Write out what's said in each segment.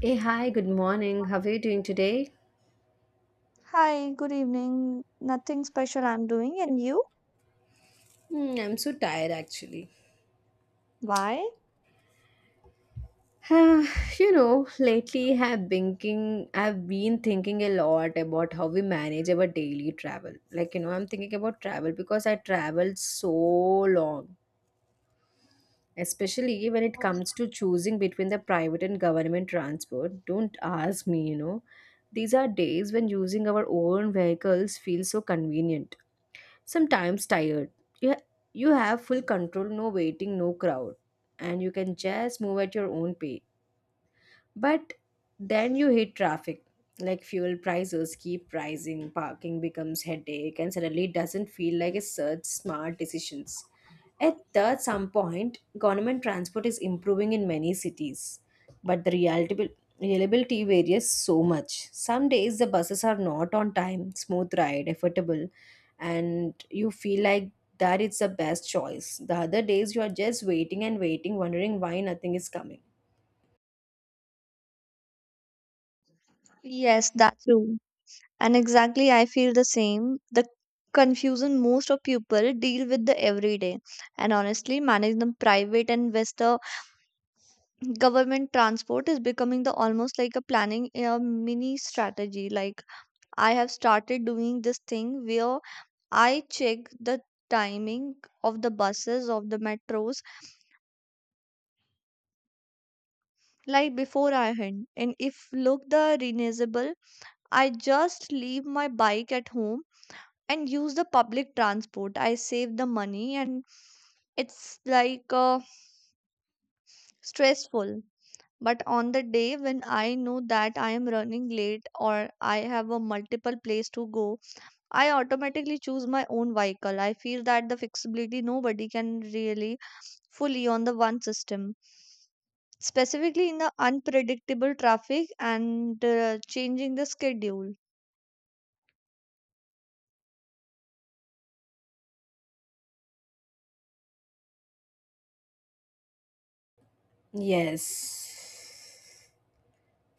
Hey, hi, good morning. How are you doing today? Hi, good evening. Nothing special I'm doing, and you? Hmm, I'm so tired actually. Why? Ah, you know, lately have thinking I've been thinking a lot about how we manage our daily travel. I'm thinking about travel because I traveled so long. Especially when it Oh. comes to choosing between the private and government transport. Don't ask me, you know. These are days when using our own vehicles feels so convenient. Sometimes tired. You, you have full control, no waiting, no crowd, and you can just move at your own pace. But then you hit traffic. Like fuel prices keep rising, parking becomes headache, and suddenly it doesn't feel like a such smart decisions. At that some point, government transport is improving in many cities, but the reality reliability varies so much. Some days the buses are not on time, smooth ride, affordable, and you feel like that it's the best choice. The other days you are just waiting and waiting, wondering why nothing is coming. Yes, that's true. And exactly, I feel the same. The confusion most of people deal with the everyday, and honestly, managing the private and with the government transport is becoming the almost like a planning a mini strategy. Like I have started doing this thing where I check the timing of the buses, of the metros, like before I. And if look the reasonable, I just leave my bike at home and use the public transport. I save the money and it's like stressful. But on the day when I know that I am running late or I have a multiple place to go, I automatically choose my own vehicle. I feel that the flexibility nobody can really fully on the one system. Specifically in the unpredictable traffic and changing the schedule. Yes.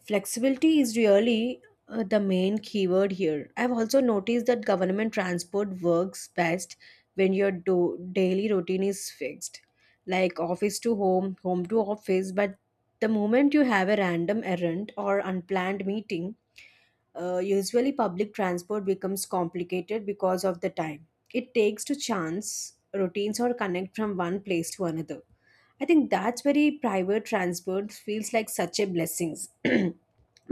Flexibility is really the main keyword here. I've also noticed that government transport works best when daily routine is fixed, like office to home, home to office. But the moment you have a random errand or unplanned meeting, usually public transport becomes complicated because of the time it takes to chance routines or connect from one place to another. I think that's very private transport feels like such a blessings.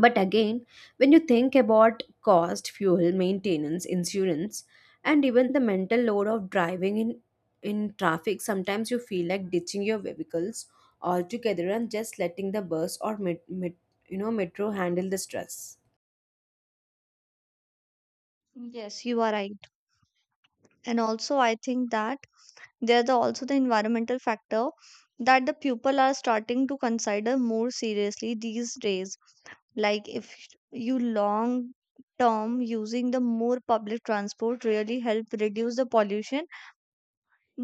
But again, when you think about cost, fuel, maintenance, insurance, and even the mental load of driving in traffic, sometimes you feel like ditching your vehicles altogether and just letting the bus or metro handle the stress. Yes, you are right. And also, I think that there's the, also the environmental factor that the people are starting to consider more seriously these days, like if you long term using the more public transport really help reduce the pollution.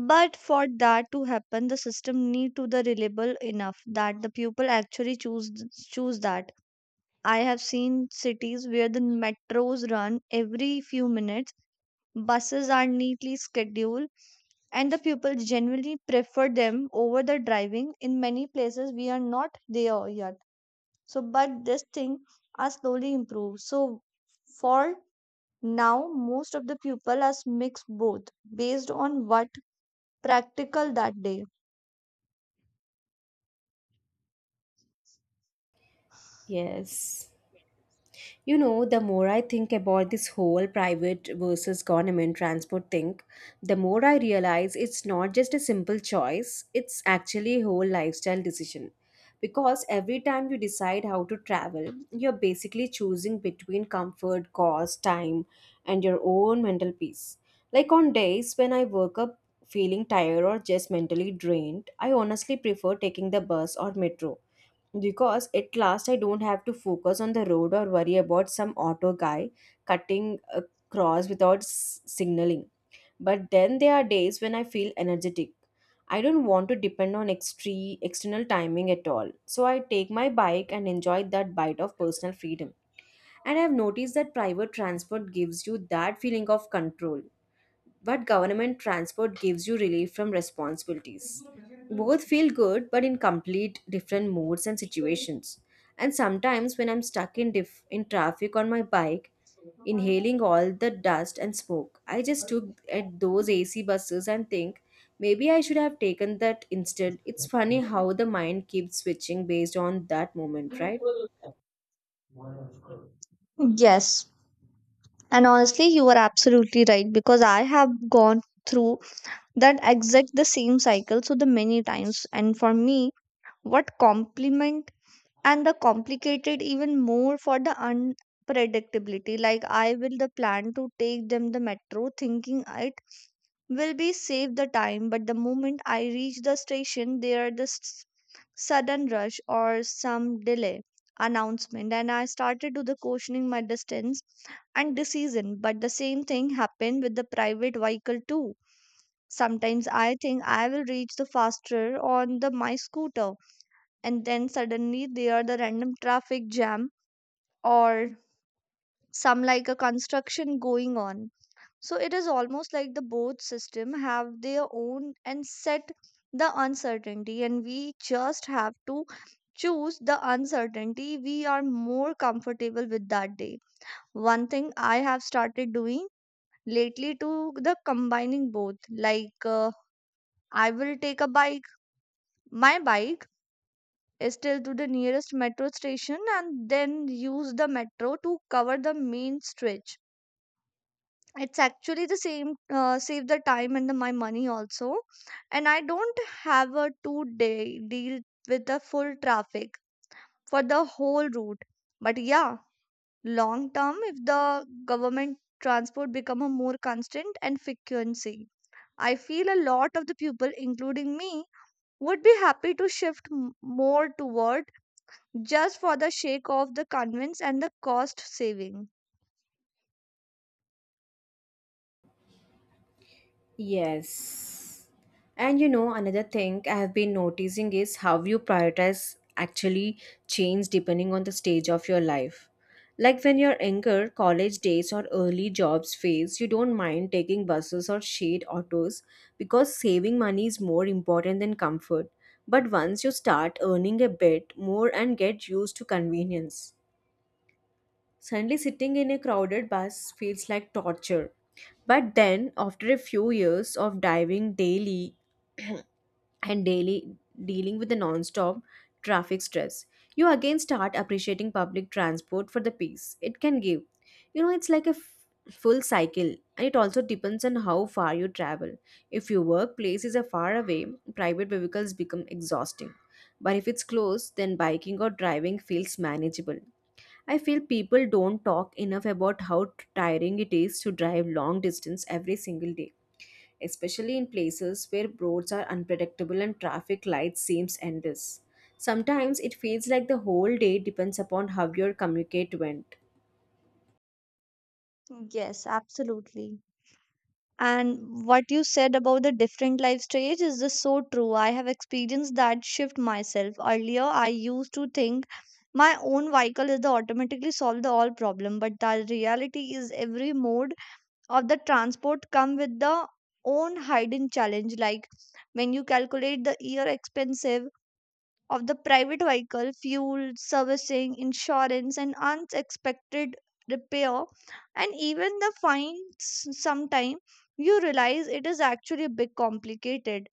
But for that to happen, the system need to the reliable enough that the people actually choose that. I have seen cities where the metros run every few minutes, buses are neatly scheduled, and the people generally prefer them over the driving. In many places, we are not there yet. So, but this thing are slowly improved. So, for now, most of the people are mixed both based on what practical that day. Yes. You know, the more I think about this whole private versus government transport thing, the more I realize it's not just a simple choice, it's actually a whole lifestyle decision. Because every time you decide how to travel, you're basically choosing between comfort, cost, time, and your own mental peace. Like on days when I woke up feeling tired or just mentally drained, I honestly prefer taking the bus or metro because at last I don't have to focus on the road or worry about some auto guy cutting across without signaling. But then there are days when I feel energetic. I don't want to depend on external timing at all. So I take my bike and enjoy that bite of personal freedom. And I've noticed that private transport gives you that feeling of control but government transport gives you relief from responsibilities. Both feel good, but in complete different moods and situations. And sometimes, when I'm stuck in traffic on my bike, inhaling all the dust and smoke, I just look at those AC buses and think maybe I should have taken that instead. It's funny how the mind keeps switching based on that moment, right? Yes, and honestly, you are absolutely right, because I have gone through that exact the same cycle so the many times. And for me, what complement and the complicated even more for the unpredictability, like I will the plan to take them the metro thinking it will be save the time, but the moment I reach the station, there the sudden rush or some delay announcement, and I started to the questioning my distance and decision. But the same thing happened with the private vehicle too. Sometimes I think I will reach the faster on the my scooter, and then suddenly there are the random traffic jam or some like a construction going on. So it is almost like the both system have their own and set the uncertainty, and we just have to choose the uncertainty we are more comfortable with that day. One thing I have started doing lately to the combining both, like I will take a bike. My bike is still to the nearest metro station and then use the metro to cover the main stretch. It's actually the same, save the time and the, my money also. And I don't have a 2-day deal with the full traffic for the whole route. But yeah, long term, if the government transport become a more constant and frequency, I feel a lot of the people, including me, would be happy to shift more toward, just for the sake of the convenience and the cost saving. Yes. And you know, another thing I have been noticing is how you prioritize actually change depending on the stage of your life. Like when you're younger, college days or early jobs phase, you don't mind taking buses or shared autos because saving money is more important than comfort. But once you start earning a bit more and get used to convenience, suddenly sitting in a crowded bus feels like torture but then, after a few years of diving daily and daily dealing with the non-stop traffic stress, you again start appreciating public transport for the peace it can give. You know, it's like a full cycle, and it also depends on how far you travel. If your workplace is a far away, private vehicles become exhausting. But if it's close, then biking or driving feels manageable. I feel people don't talk enough about how tiring it is to drive long distance every single day especially in places where roads are unpredictable and traffic lights seems endless. Sometimes it feels like the whole day depends upon how your communicate went. Yes, absolutely. And what you said about the different life stage is just so true. I have experienced that shift myself. Earlier, I used to think my own vehicle is the automatically solve the all problem, but the reality is every mode of the transport come with the own hidden challenge. Like when you calculate the year expensive of the private vehicle, fuel, servicing, insurance, and unexpected repair, and even the fines sometime, you realize it is actually a bit complicated.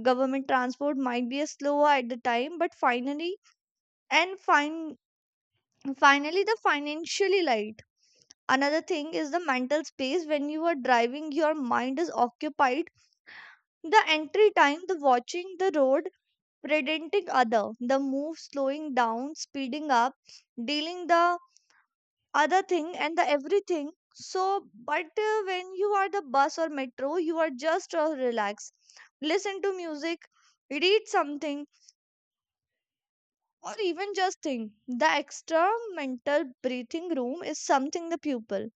Government transport might be a slower at the time, but finally and finally the financially light. Another thing is the mental space. When you are driving, your mind is occupied. The entry time, the watching the road, predenting other the move, slowing down, speeding up, dealing the other thing, and the everything. So but when you are the bus or metro, you are just relaxed, listen to music, read something, or even just think. The extra mental breathing room is something the pupil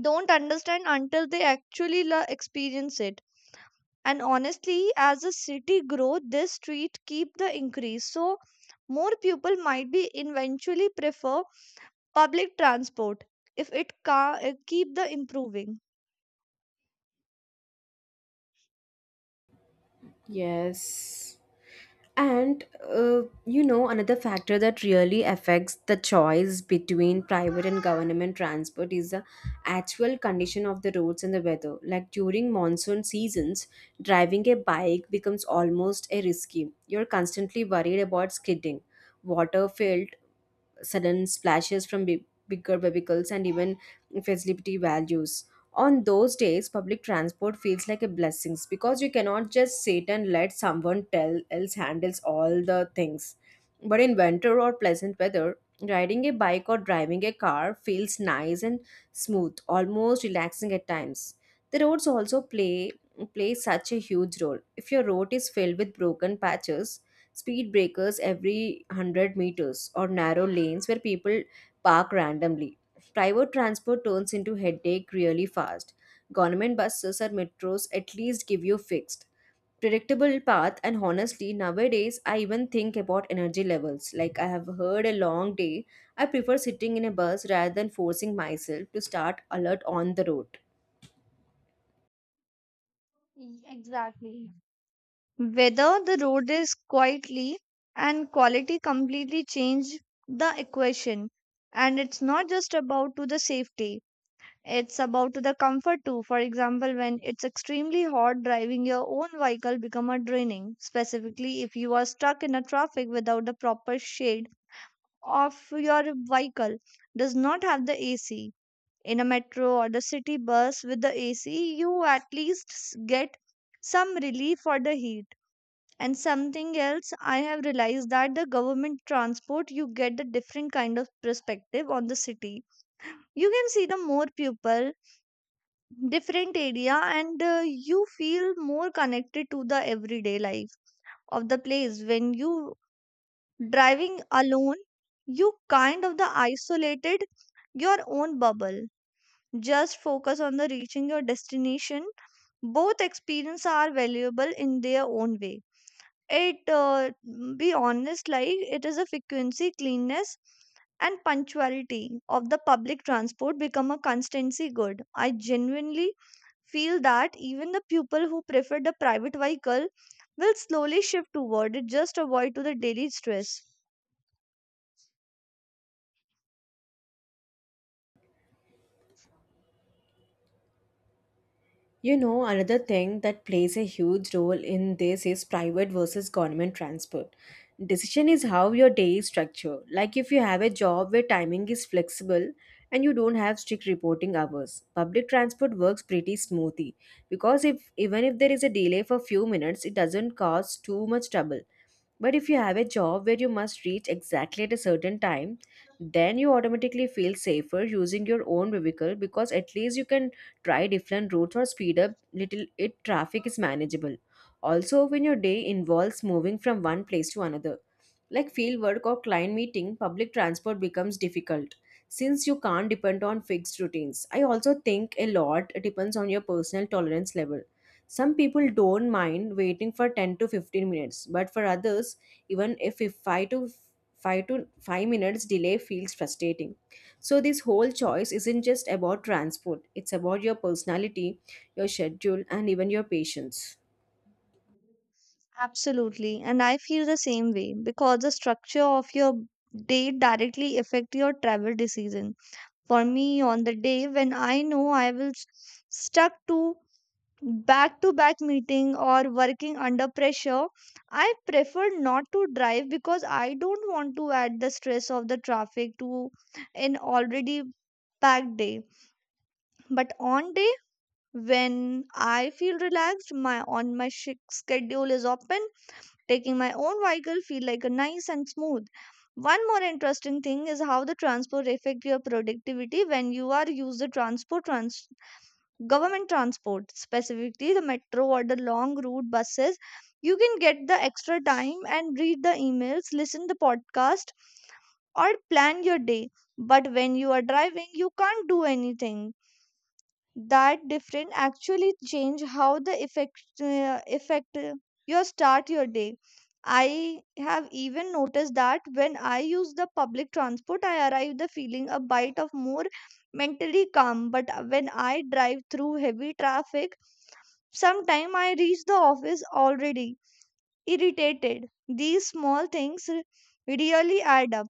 don't understand until they actually experience it. And honestly, as the city grow, this street keep the increase, so more people might be eventually prefer public transport if it keep the improving. Yes. And you know, another factor that really affects the choice between private and government transport is the actual condition of the roads and the weather. Like during monsoon seasons, driving a bike becomes almost a risky. You're constantly worried about skidding, water filled sudden splashes from bigger vehicles and even facility values. On those days, public transport feels like a blessing because you cannot just sit and let someone tell else handles all the things. But in winter or pleasant weather, riding a bike or driving a car feels nice and smooth, almost relaxing at times. The roads also play such a huge role. If your road is filled with broken patches, speed breakers every 100 meters, or narrow lanes where people park randomly. Private transport turns into headache really fast. Government buses or metros at least give you fixed, predictable path. And honestly, nowadays I even think about energy levels. Like I have heard a long day, I prefer sitting in a bus rather than forcing myself to start alert on the road. Exactly. Whether the road is quietly and quality completely change the equation, and it's not just about to the safety. It's about the comfort too. For example, when it's extremely hot, driving your own vehicle become a draining, specifically if you are stuck in a traffic without the proper shade of your vehicle does not have the AC. In a metro or the city bus with the AC, you at least get some relief for the heat. And something else I have realized that the government transport, you get the different kind of perspective on the city. You can see the more people, different area, and you feel more connected to the everyday life of the place. When you driving alone, you kind of the isolated your own bubble, just focus on the reaching your destination. Both experience are valuable in their own way. It be honest, like it is a frequency, cleanness, and punctuality of the public transport become a constancy good. I genuinely feel that even the people who prefer the private vehicle will slowly shift toward it, just avoid to the daily stress. You know, another thing that plays a huge role in this is private versus government transport. Decision is how your day is structured. Like if you have a job where timing is flexible and you don't have strict reporting hours, public transport works pretty smoothly because if even if there is a delay for few minutes, it doesn't cause too much trouble. But if you have a job where you must reach exactly at a certain time, then you automatically feel safer using your own vehicle because at least you can try different routes or speed up little if traffic is manageable. Also, when your day involves moving from one place to another, like field work or client meeting, public transport becomes difficult since you can't depend on fixed routines. I also think a lot depends on your personal tolerance level some people don't mind waiting for 10 to 15 minutes, but for others, even if 5 minutes delay feels frustrating. So this whole choice isn't just about transport, it's about your personality, your schedule and even your patience. Absolutely, and I feel the same way, because the structure of your day directly affect your travel decision. For me, on the day when I know I will stuck to back meeting or working under pressure, I prefer not to drive because I don't want to add the stress of the traffic to an already packed day. But on day when I feel relaxed, my on my schedule is open, taking my own vehicle feel like a nice and smooth. One more interesting thing is how the transport affect your productivity. When you are use the transport, government transport, specifically the metro or the long route buses, you can get the extra time and read the emails, listen the podcast, or plan your day. But when you are driving, you can't do anything. That different actually change how the effect, you start your day. I have even noticed that when I use the public transport, I arrive the feeling a bite of more mentally calm. But when I drive through heavy traffic sometime, I reach the office already irritated. These small things really add up,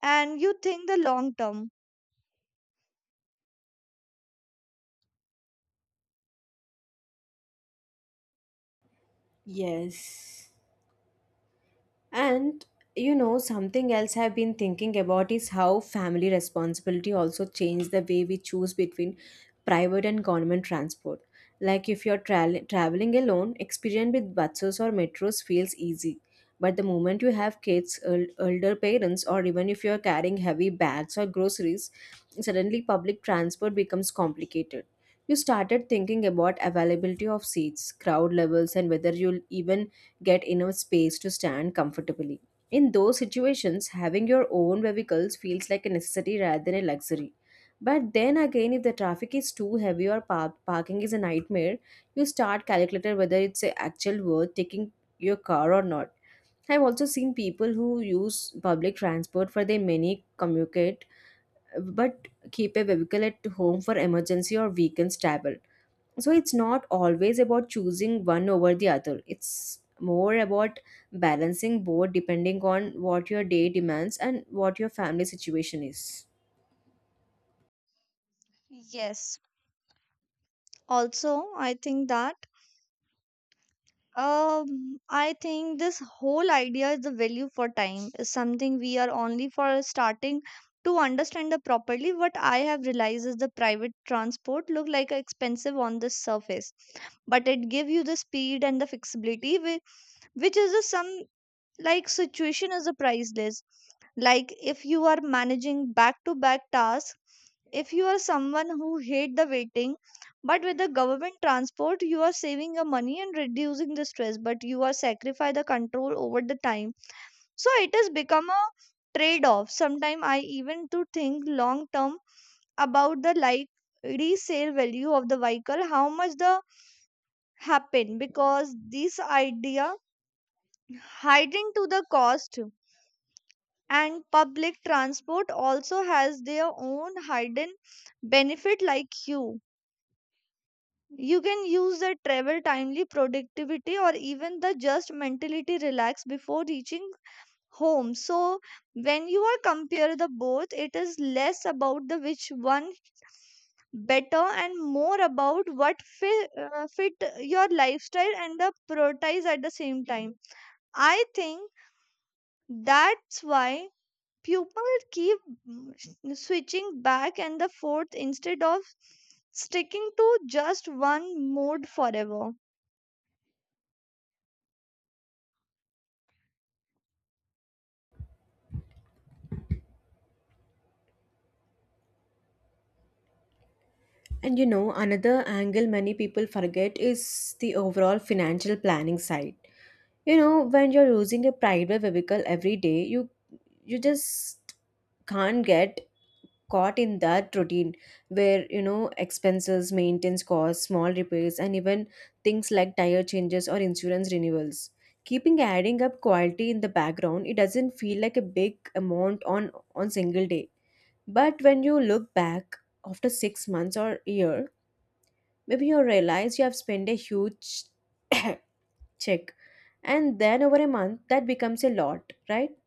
and you think the long term. Yes. And you know, something else I've been thinking about is how family responsibility also changed the way we choose between private and government transport. Like if you're traveling alone, experience with buses or metros feels easy. But the moment you have kids, elder parents, or even if you're carrying heavy bags or groceries, suddenly public transport becomes complicated. You started thinking about availability of seats, crowd levels, and whether you'll even get enough space to stand comfortably. In those situations, having your own vehicles feels like a necessity rather than a luxury. But then again, if the traffic is too heavy or parking is a nightmare, you start calculating whether it's a actual worth taking your car or not. I've also seen people who use public transport for their many commute but keep a vehicle at home for emergency or weekends travel. So it's not always about choosing one over the other. It's more about balancing both depending on what your day demands and what your family situation is. Yes, also i think that I think this whole idea is the value for time is something we are only for starting to understand the properly. What I have realized is the private transport look like expensive on the surface, but it give you the speed and the flexibility, which is the some like situation is a priceless, like if you are managing back to back tasks, if you are someone who hate the waiting. But with the government transport, you are saving your money and reducing the stress, but you are sacrifice the control over the time. So it has become a trade off. Sometimes I even to think long term about the, like, resale value of the vehicle, how much the happen, because this idea hiding to the cost. And public transport also has their own hidden benefit, like you can use the travel timely productivity or even the just mentality relax before reaching home. So when you are compare the both, it is less about the which one better and more about what fit your lifestyle and the prioritize at the same time. I think that's why Pupils keep mm, switching back and the forth instead of sticking to just one mode forever. And you know, another angle many people forget is the overall financial planning side. You know, when you're using a private vehicle every day, you just can't get caught in that routine where you know expenses maintenance costs small repairs and even things like tire changes or insurance renewals keeping adding up quality in the background it doesn't feel like a big amount on single day but when you look back after 6 months or year. Maybe you realize you have spent a huge check, and then over a month, that becomes a lot, right?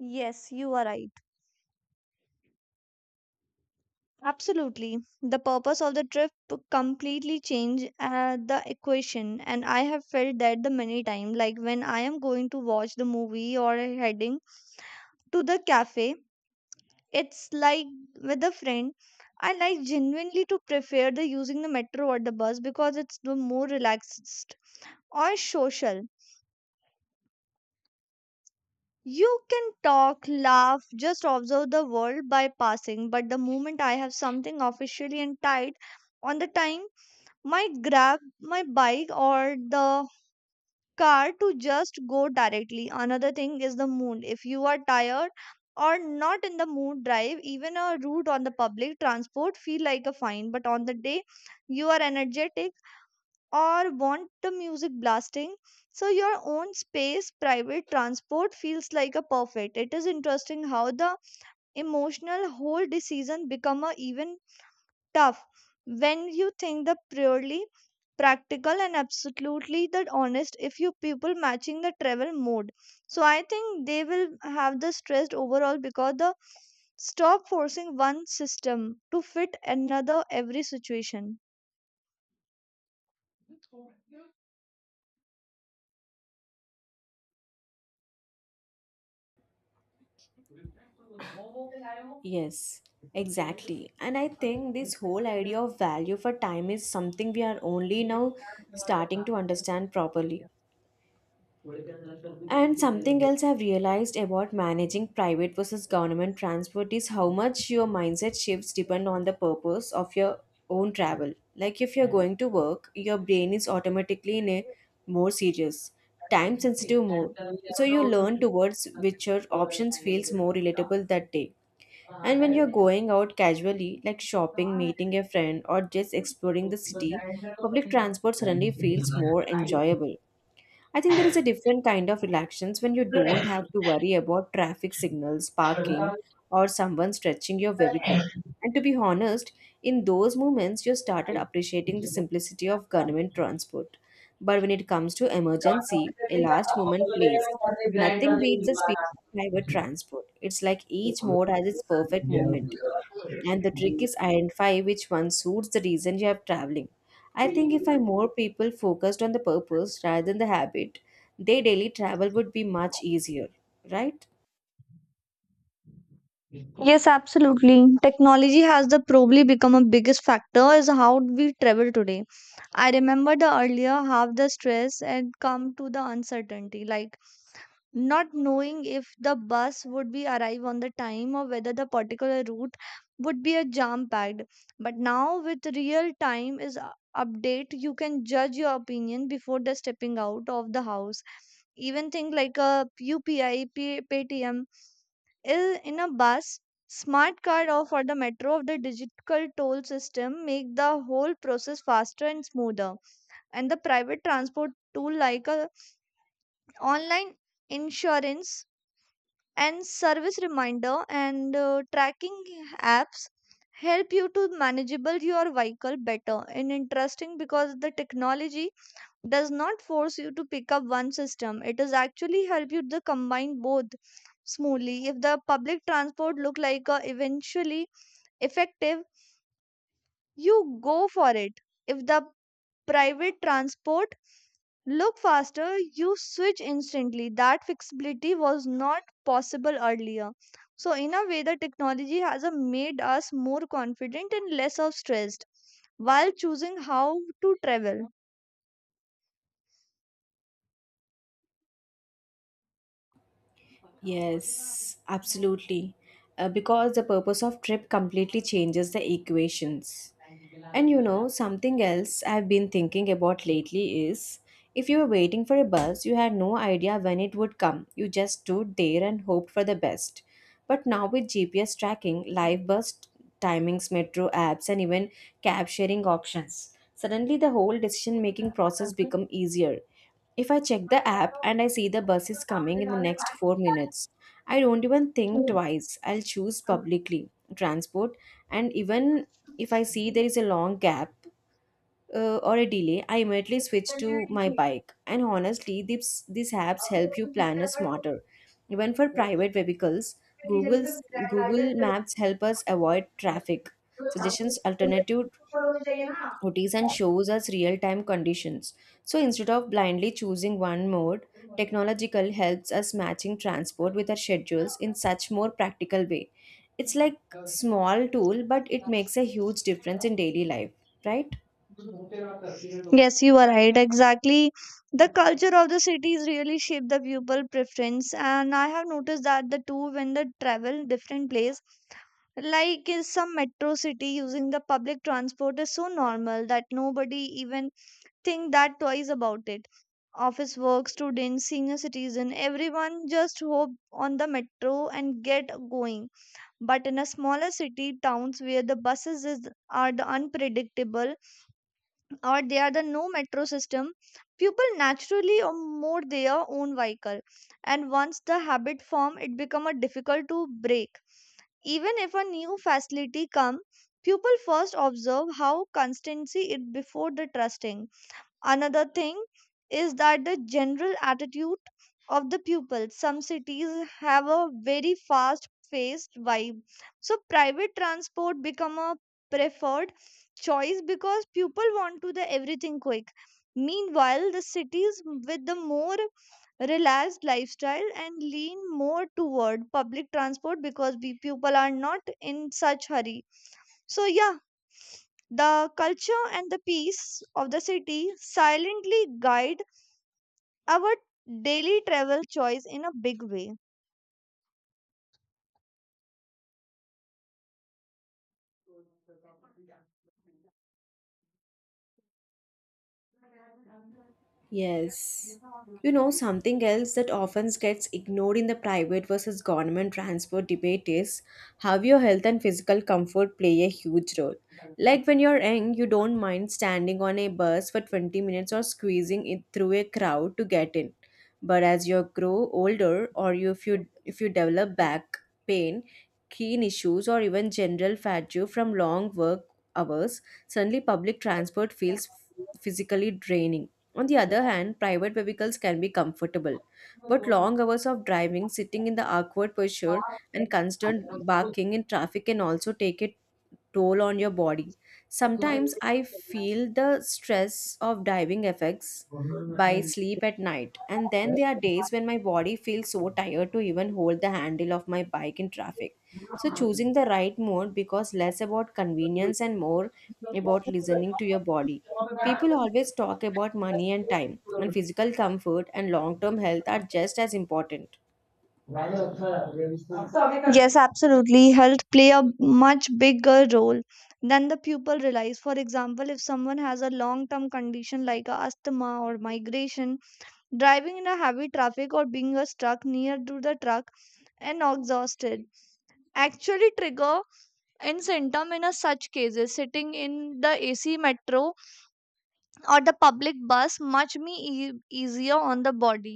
Yes, you are right. Absolutely. The purpose of the trip completely changed the equation, and I have felt that the many time. Like when I am going to watch the movie or heading to the cafe, it's like with a friend. I like genuinely to prefer the using the metro or the bus because it's the more relaxed or social. You can talk, laugh, just observe the world by passing. But the moment I have something officially and tight on the time, might grab my bike or the car to just go directly. Another thing is the mood. If you are tired or not in the mood, drive even a route on the public transport feel like a fine, but on the day you are energetic, or want the music blasting so your own space private transport feels like a perfect. It is interesting how the emotional whole decision become a even tough when you think the purely practical and absolutely that honest if you people matching the travel mode, so I think they will have the stressed overall because the stop forcing one system to fit another every situation. Yes, exactly. And I think this whole idea of value for time is something we are only now starting to understand properly. And something else I've realized about managing private versus government transport is how much your mindset shifts depend on the purpose of your own travel. Like if you're going to work, your brain is automatically in a more serious, time sensitive mode. So you learn towards which your options feels more relatable that day. And when you're going out casually, like shopping, meeting a friend, or just exploring the city, public transport suddenly feels more enjoyable. I think there is a different kind of relaxations when you don't have to worry about traffic signals, parking, or someone stretching your vehicle. And to be honest, in those moments, you started appreciating the simplicity of government transport. But when it comes to emergency, a last moment plays. Nothing beats the speed of private transport. It's like each mode has its perfect moment and the trick is identify which one suits the reason you are traveling. I think if I more people focused on the purpose rather than the habit their daily travel would be much easier, right? Yes, absolutely. Technology has the probably become a biggest factor is how we travel today. I remember the earlier half the stress and come to the uncertainty. Like not knowing if the bus would be arrive on the time or whether the particular route would be a jam packed, but now with real time is update you can judge your opinion before the stepping out of the house. Even thing like a upi paytm is in a bus, smart card or for the metro of the digital toll system make the whole process faster and smoother. And the private transport tool like a online insurance and service reminder and tracking apps help you to manageable your vehicle better and interesting because the technology does not force you to pick up one system, it is actually help you to combine both smoothly. If the public transport look like a eventually effective, you go for it. If the private transport look faster, you switch instantly. That flexibility was not possible earlier. So, in a way, the technology has made us more confident and less of stressed while choosing how to travel. Yes, absolutely. Because the purpose of trip completely changes the equations. And you know, something else I've been thinking about lately is if you were waiting for a bus, you had no idea when it would come. You just stood there and hoped for the best. But now with GPS tracking, live bus timings, metro apps, and even cab sharing options, suddenly the whole decision making process become easier. If I check the app and I see the bus is coming in the next 4 minutes, I don't even think twice. I'll choose publicly transport and even if I see there is a long gap or a delay, I immediately switch to my bike. And honestly, these apps help you plan a smarter. Even for private vehicles, Google's Google Maps help us avoid traffic suggestions alternative OTs and shows us real time conditions. So instead of blindly choosing one mode, technological helps us matching transport with our schedules in such more practical way. It's like small tool but it makes a huge difference in daily life, right? Yes, you are right. Exactly. The culture of the cities really shape the people preference. And I have noticed that the two when they travel different place, like in some metro city using the public transport is so normal that nobody even think that twice about it. Office work, students, senior citizen, everyone just hope on the metro and get going. But in a smaller city, towns where the buses is, are the unpredictable or they are the no metro system, people naturally or more their own vehicle. And once the habit form it become a difficult to break. Even if a new facility come, people first observe how constancy it before the trusting. Another thing is that the general attitude of the pupils. Some cities have a very fast paced vibe. So private transport become a preferred choice because people want to the everything quick. Meanwhile, the cities with the more relaxed lifestyle and lean more toward public transport because we people are not in such hurry. So yeah, the culture and the peace of the city silently guide our daily travel choice in a big way. Yes. You know, something else that often gets ignored in the private versus government transport debate is how your health and physical comfort play a huge role. Like when you're young, you don't mind standing on a bus for 20 minutes or squeezing it through a crowd to get in. But as you grow older or if you develop back pain, keen issues or even general fatigue from long work hours, suddenly public transport feels physically draining on the other hand, private vehicles can be comfortable, but long hours of driving, sitting in the awkward posture, and constant barking in traffic can also take it toll on your body. Sometimes I feel the stress of diving effects by sleep at night, and then there are days when my body feels so tired to even hold the handle of my bike in traffic. So, choosing the right mode because less about convenience and more about listening to your body. People always talk about money and time, and physical comfort and long term health are just as important. Yes, absolutely. Health play a much bigger role than the pupil realize. For example, if someone has a long-term condition like a asthma or migration, driving in a heavy traffic or being a struck near to the truck and exhausted actually trigger in symptom in a such cases sitting in the ac metro or the public bus much easier on the body.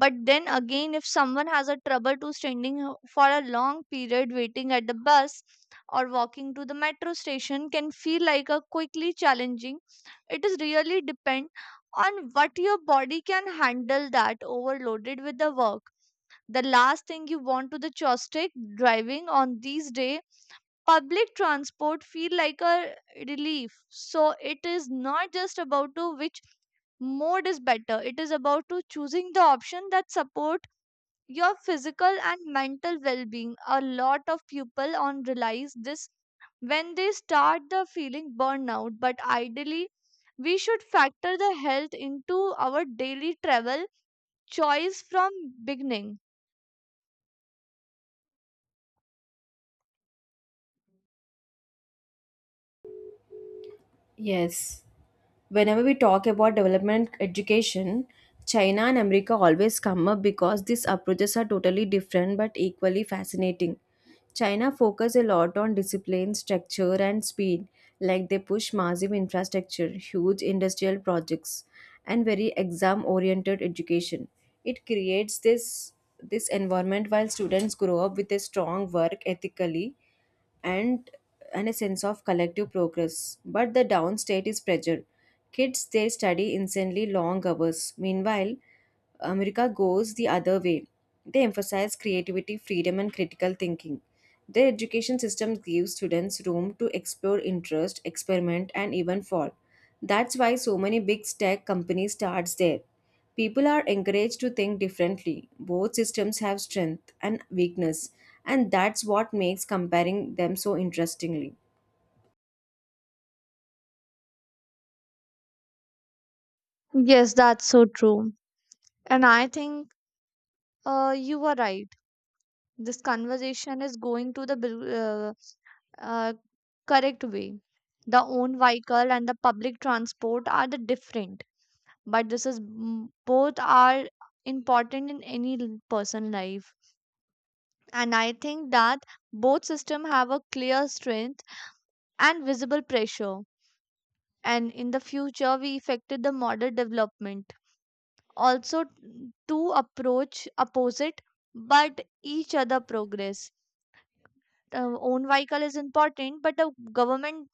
But then again if someone has a trouble to standing for a long period waiting at the bus or walking to the metro station can feel like a quickly challenging. It is really depend on what your body can handle that overloaded with the work, the last thing you want to the joystick driving on these day, public transport feel like a relief. So it is not just about to which mode is better, it is about to choosing the option that support your physical and mental well-being. A lot of people on realize this when they start the feeling burnout, but ideally we should factor the health into our daily travel choice from beginning. Yes. Whenever we talk about development education, China and America always come up because these approaches are totally different but equally fascinating. China focus a lot on discipline structure and speed, like they push massive infrastructure, huge industrial projects, and very exam oriented education. It creates this environment while students grow up with a strong work ethically and and a sense of collective progress. But the downstate is pressure. Kids they study insanely long hours. Meanwhile, America goes the other way. They emphasize creativity, freedom, and critical thinking. Their education system gives students room to explore interest, experiment, and even fall. That's why so many big tech companies starts there. People are encouraged to think differently. Both systems have strength and weakness, and that's what makes comparing them so interestingly. Yes, that's so true. And I think you were right, this conversation is going to the uh, correct way. The own vehicle and the public transport are the different, but this is both are important in any person life. And I think that both system have a clear strength and visible pressure. And in the future, we affected the model development. Also, two approach opposite, but each other progress. Own vehicle is important but the government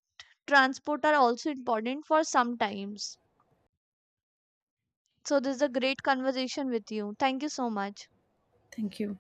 transport are also important for sometimes. So this is a great conversation with you, thank you so much. Thank you.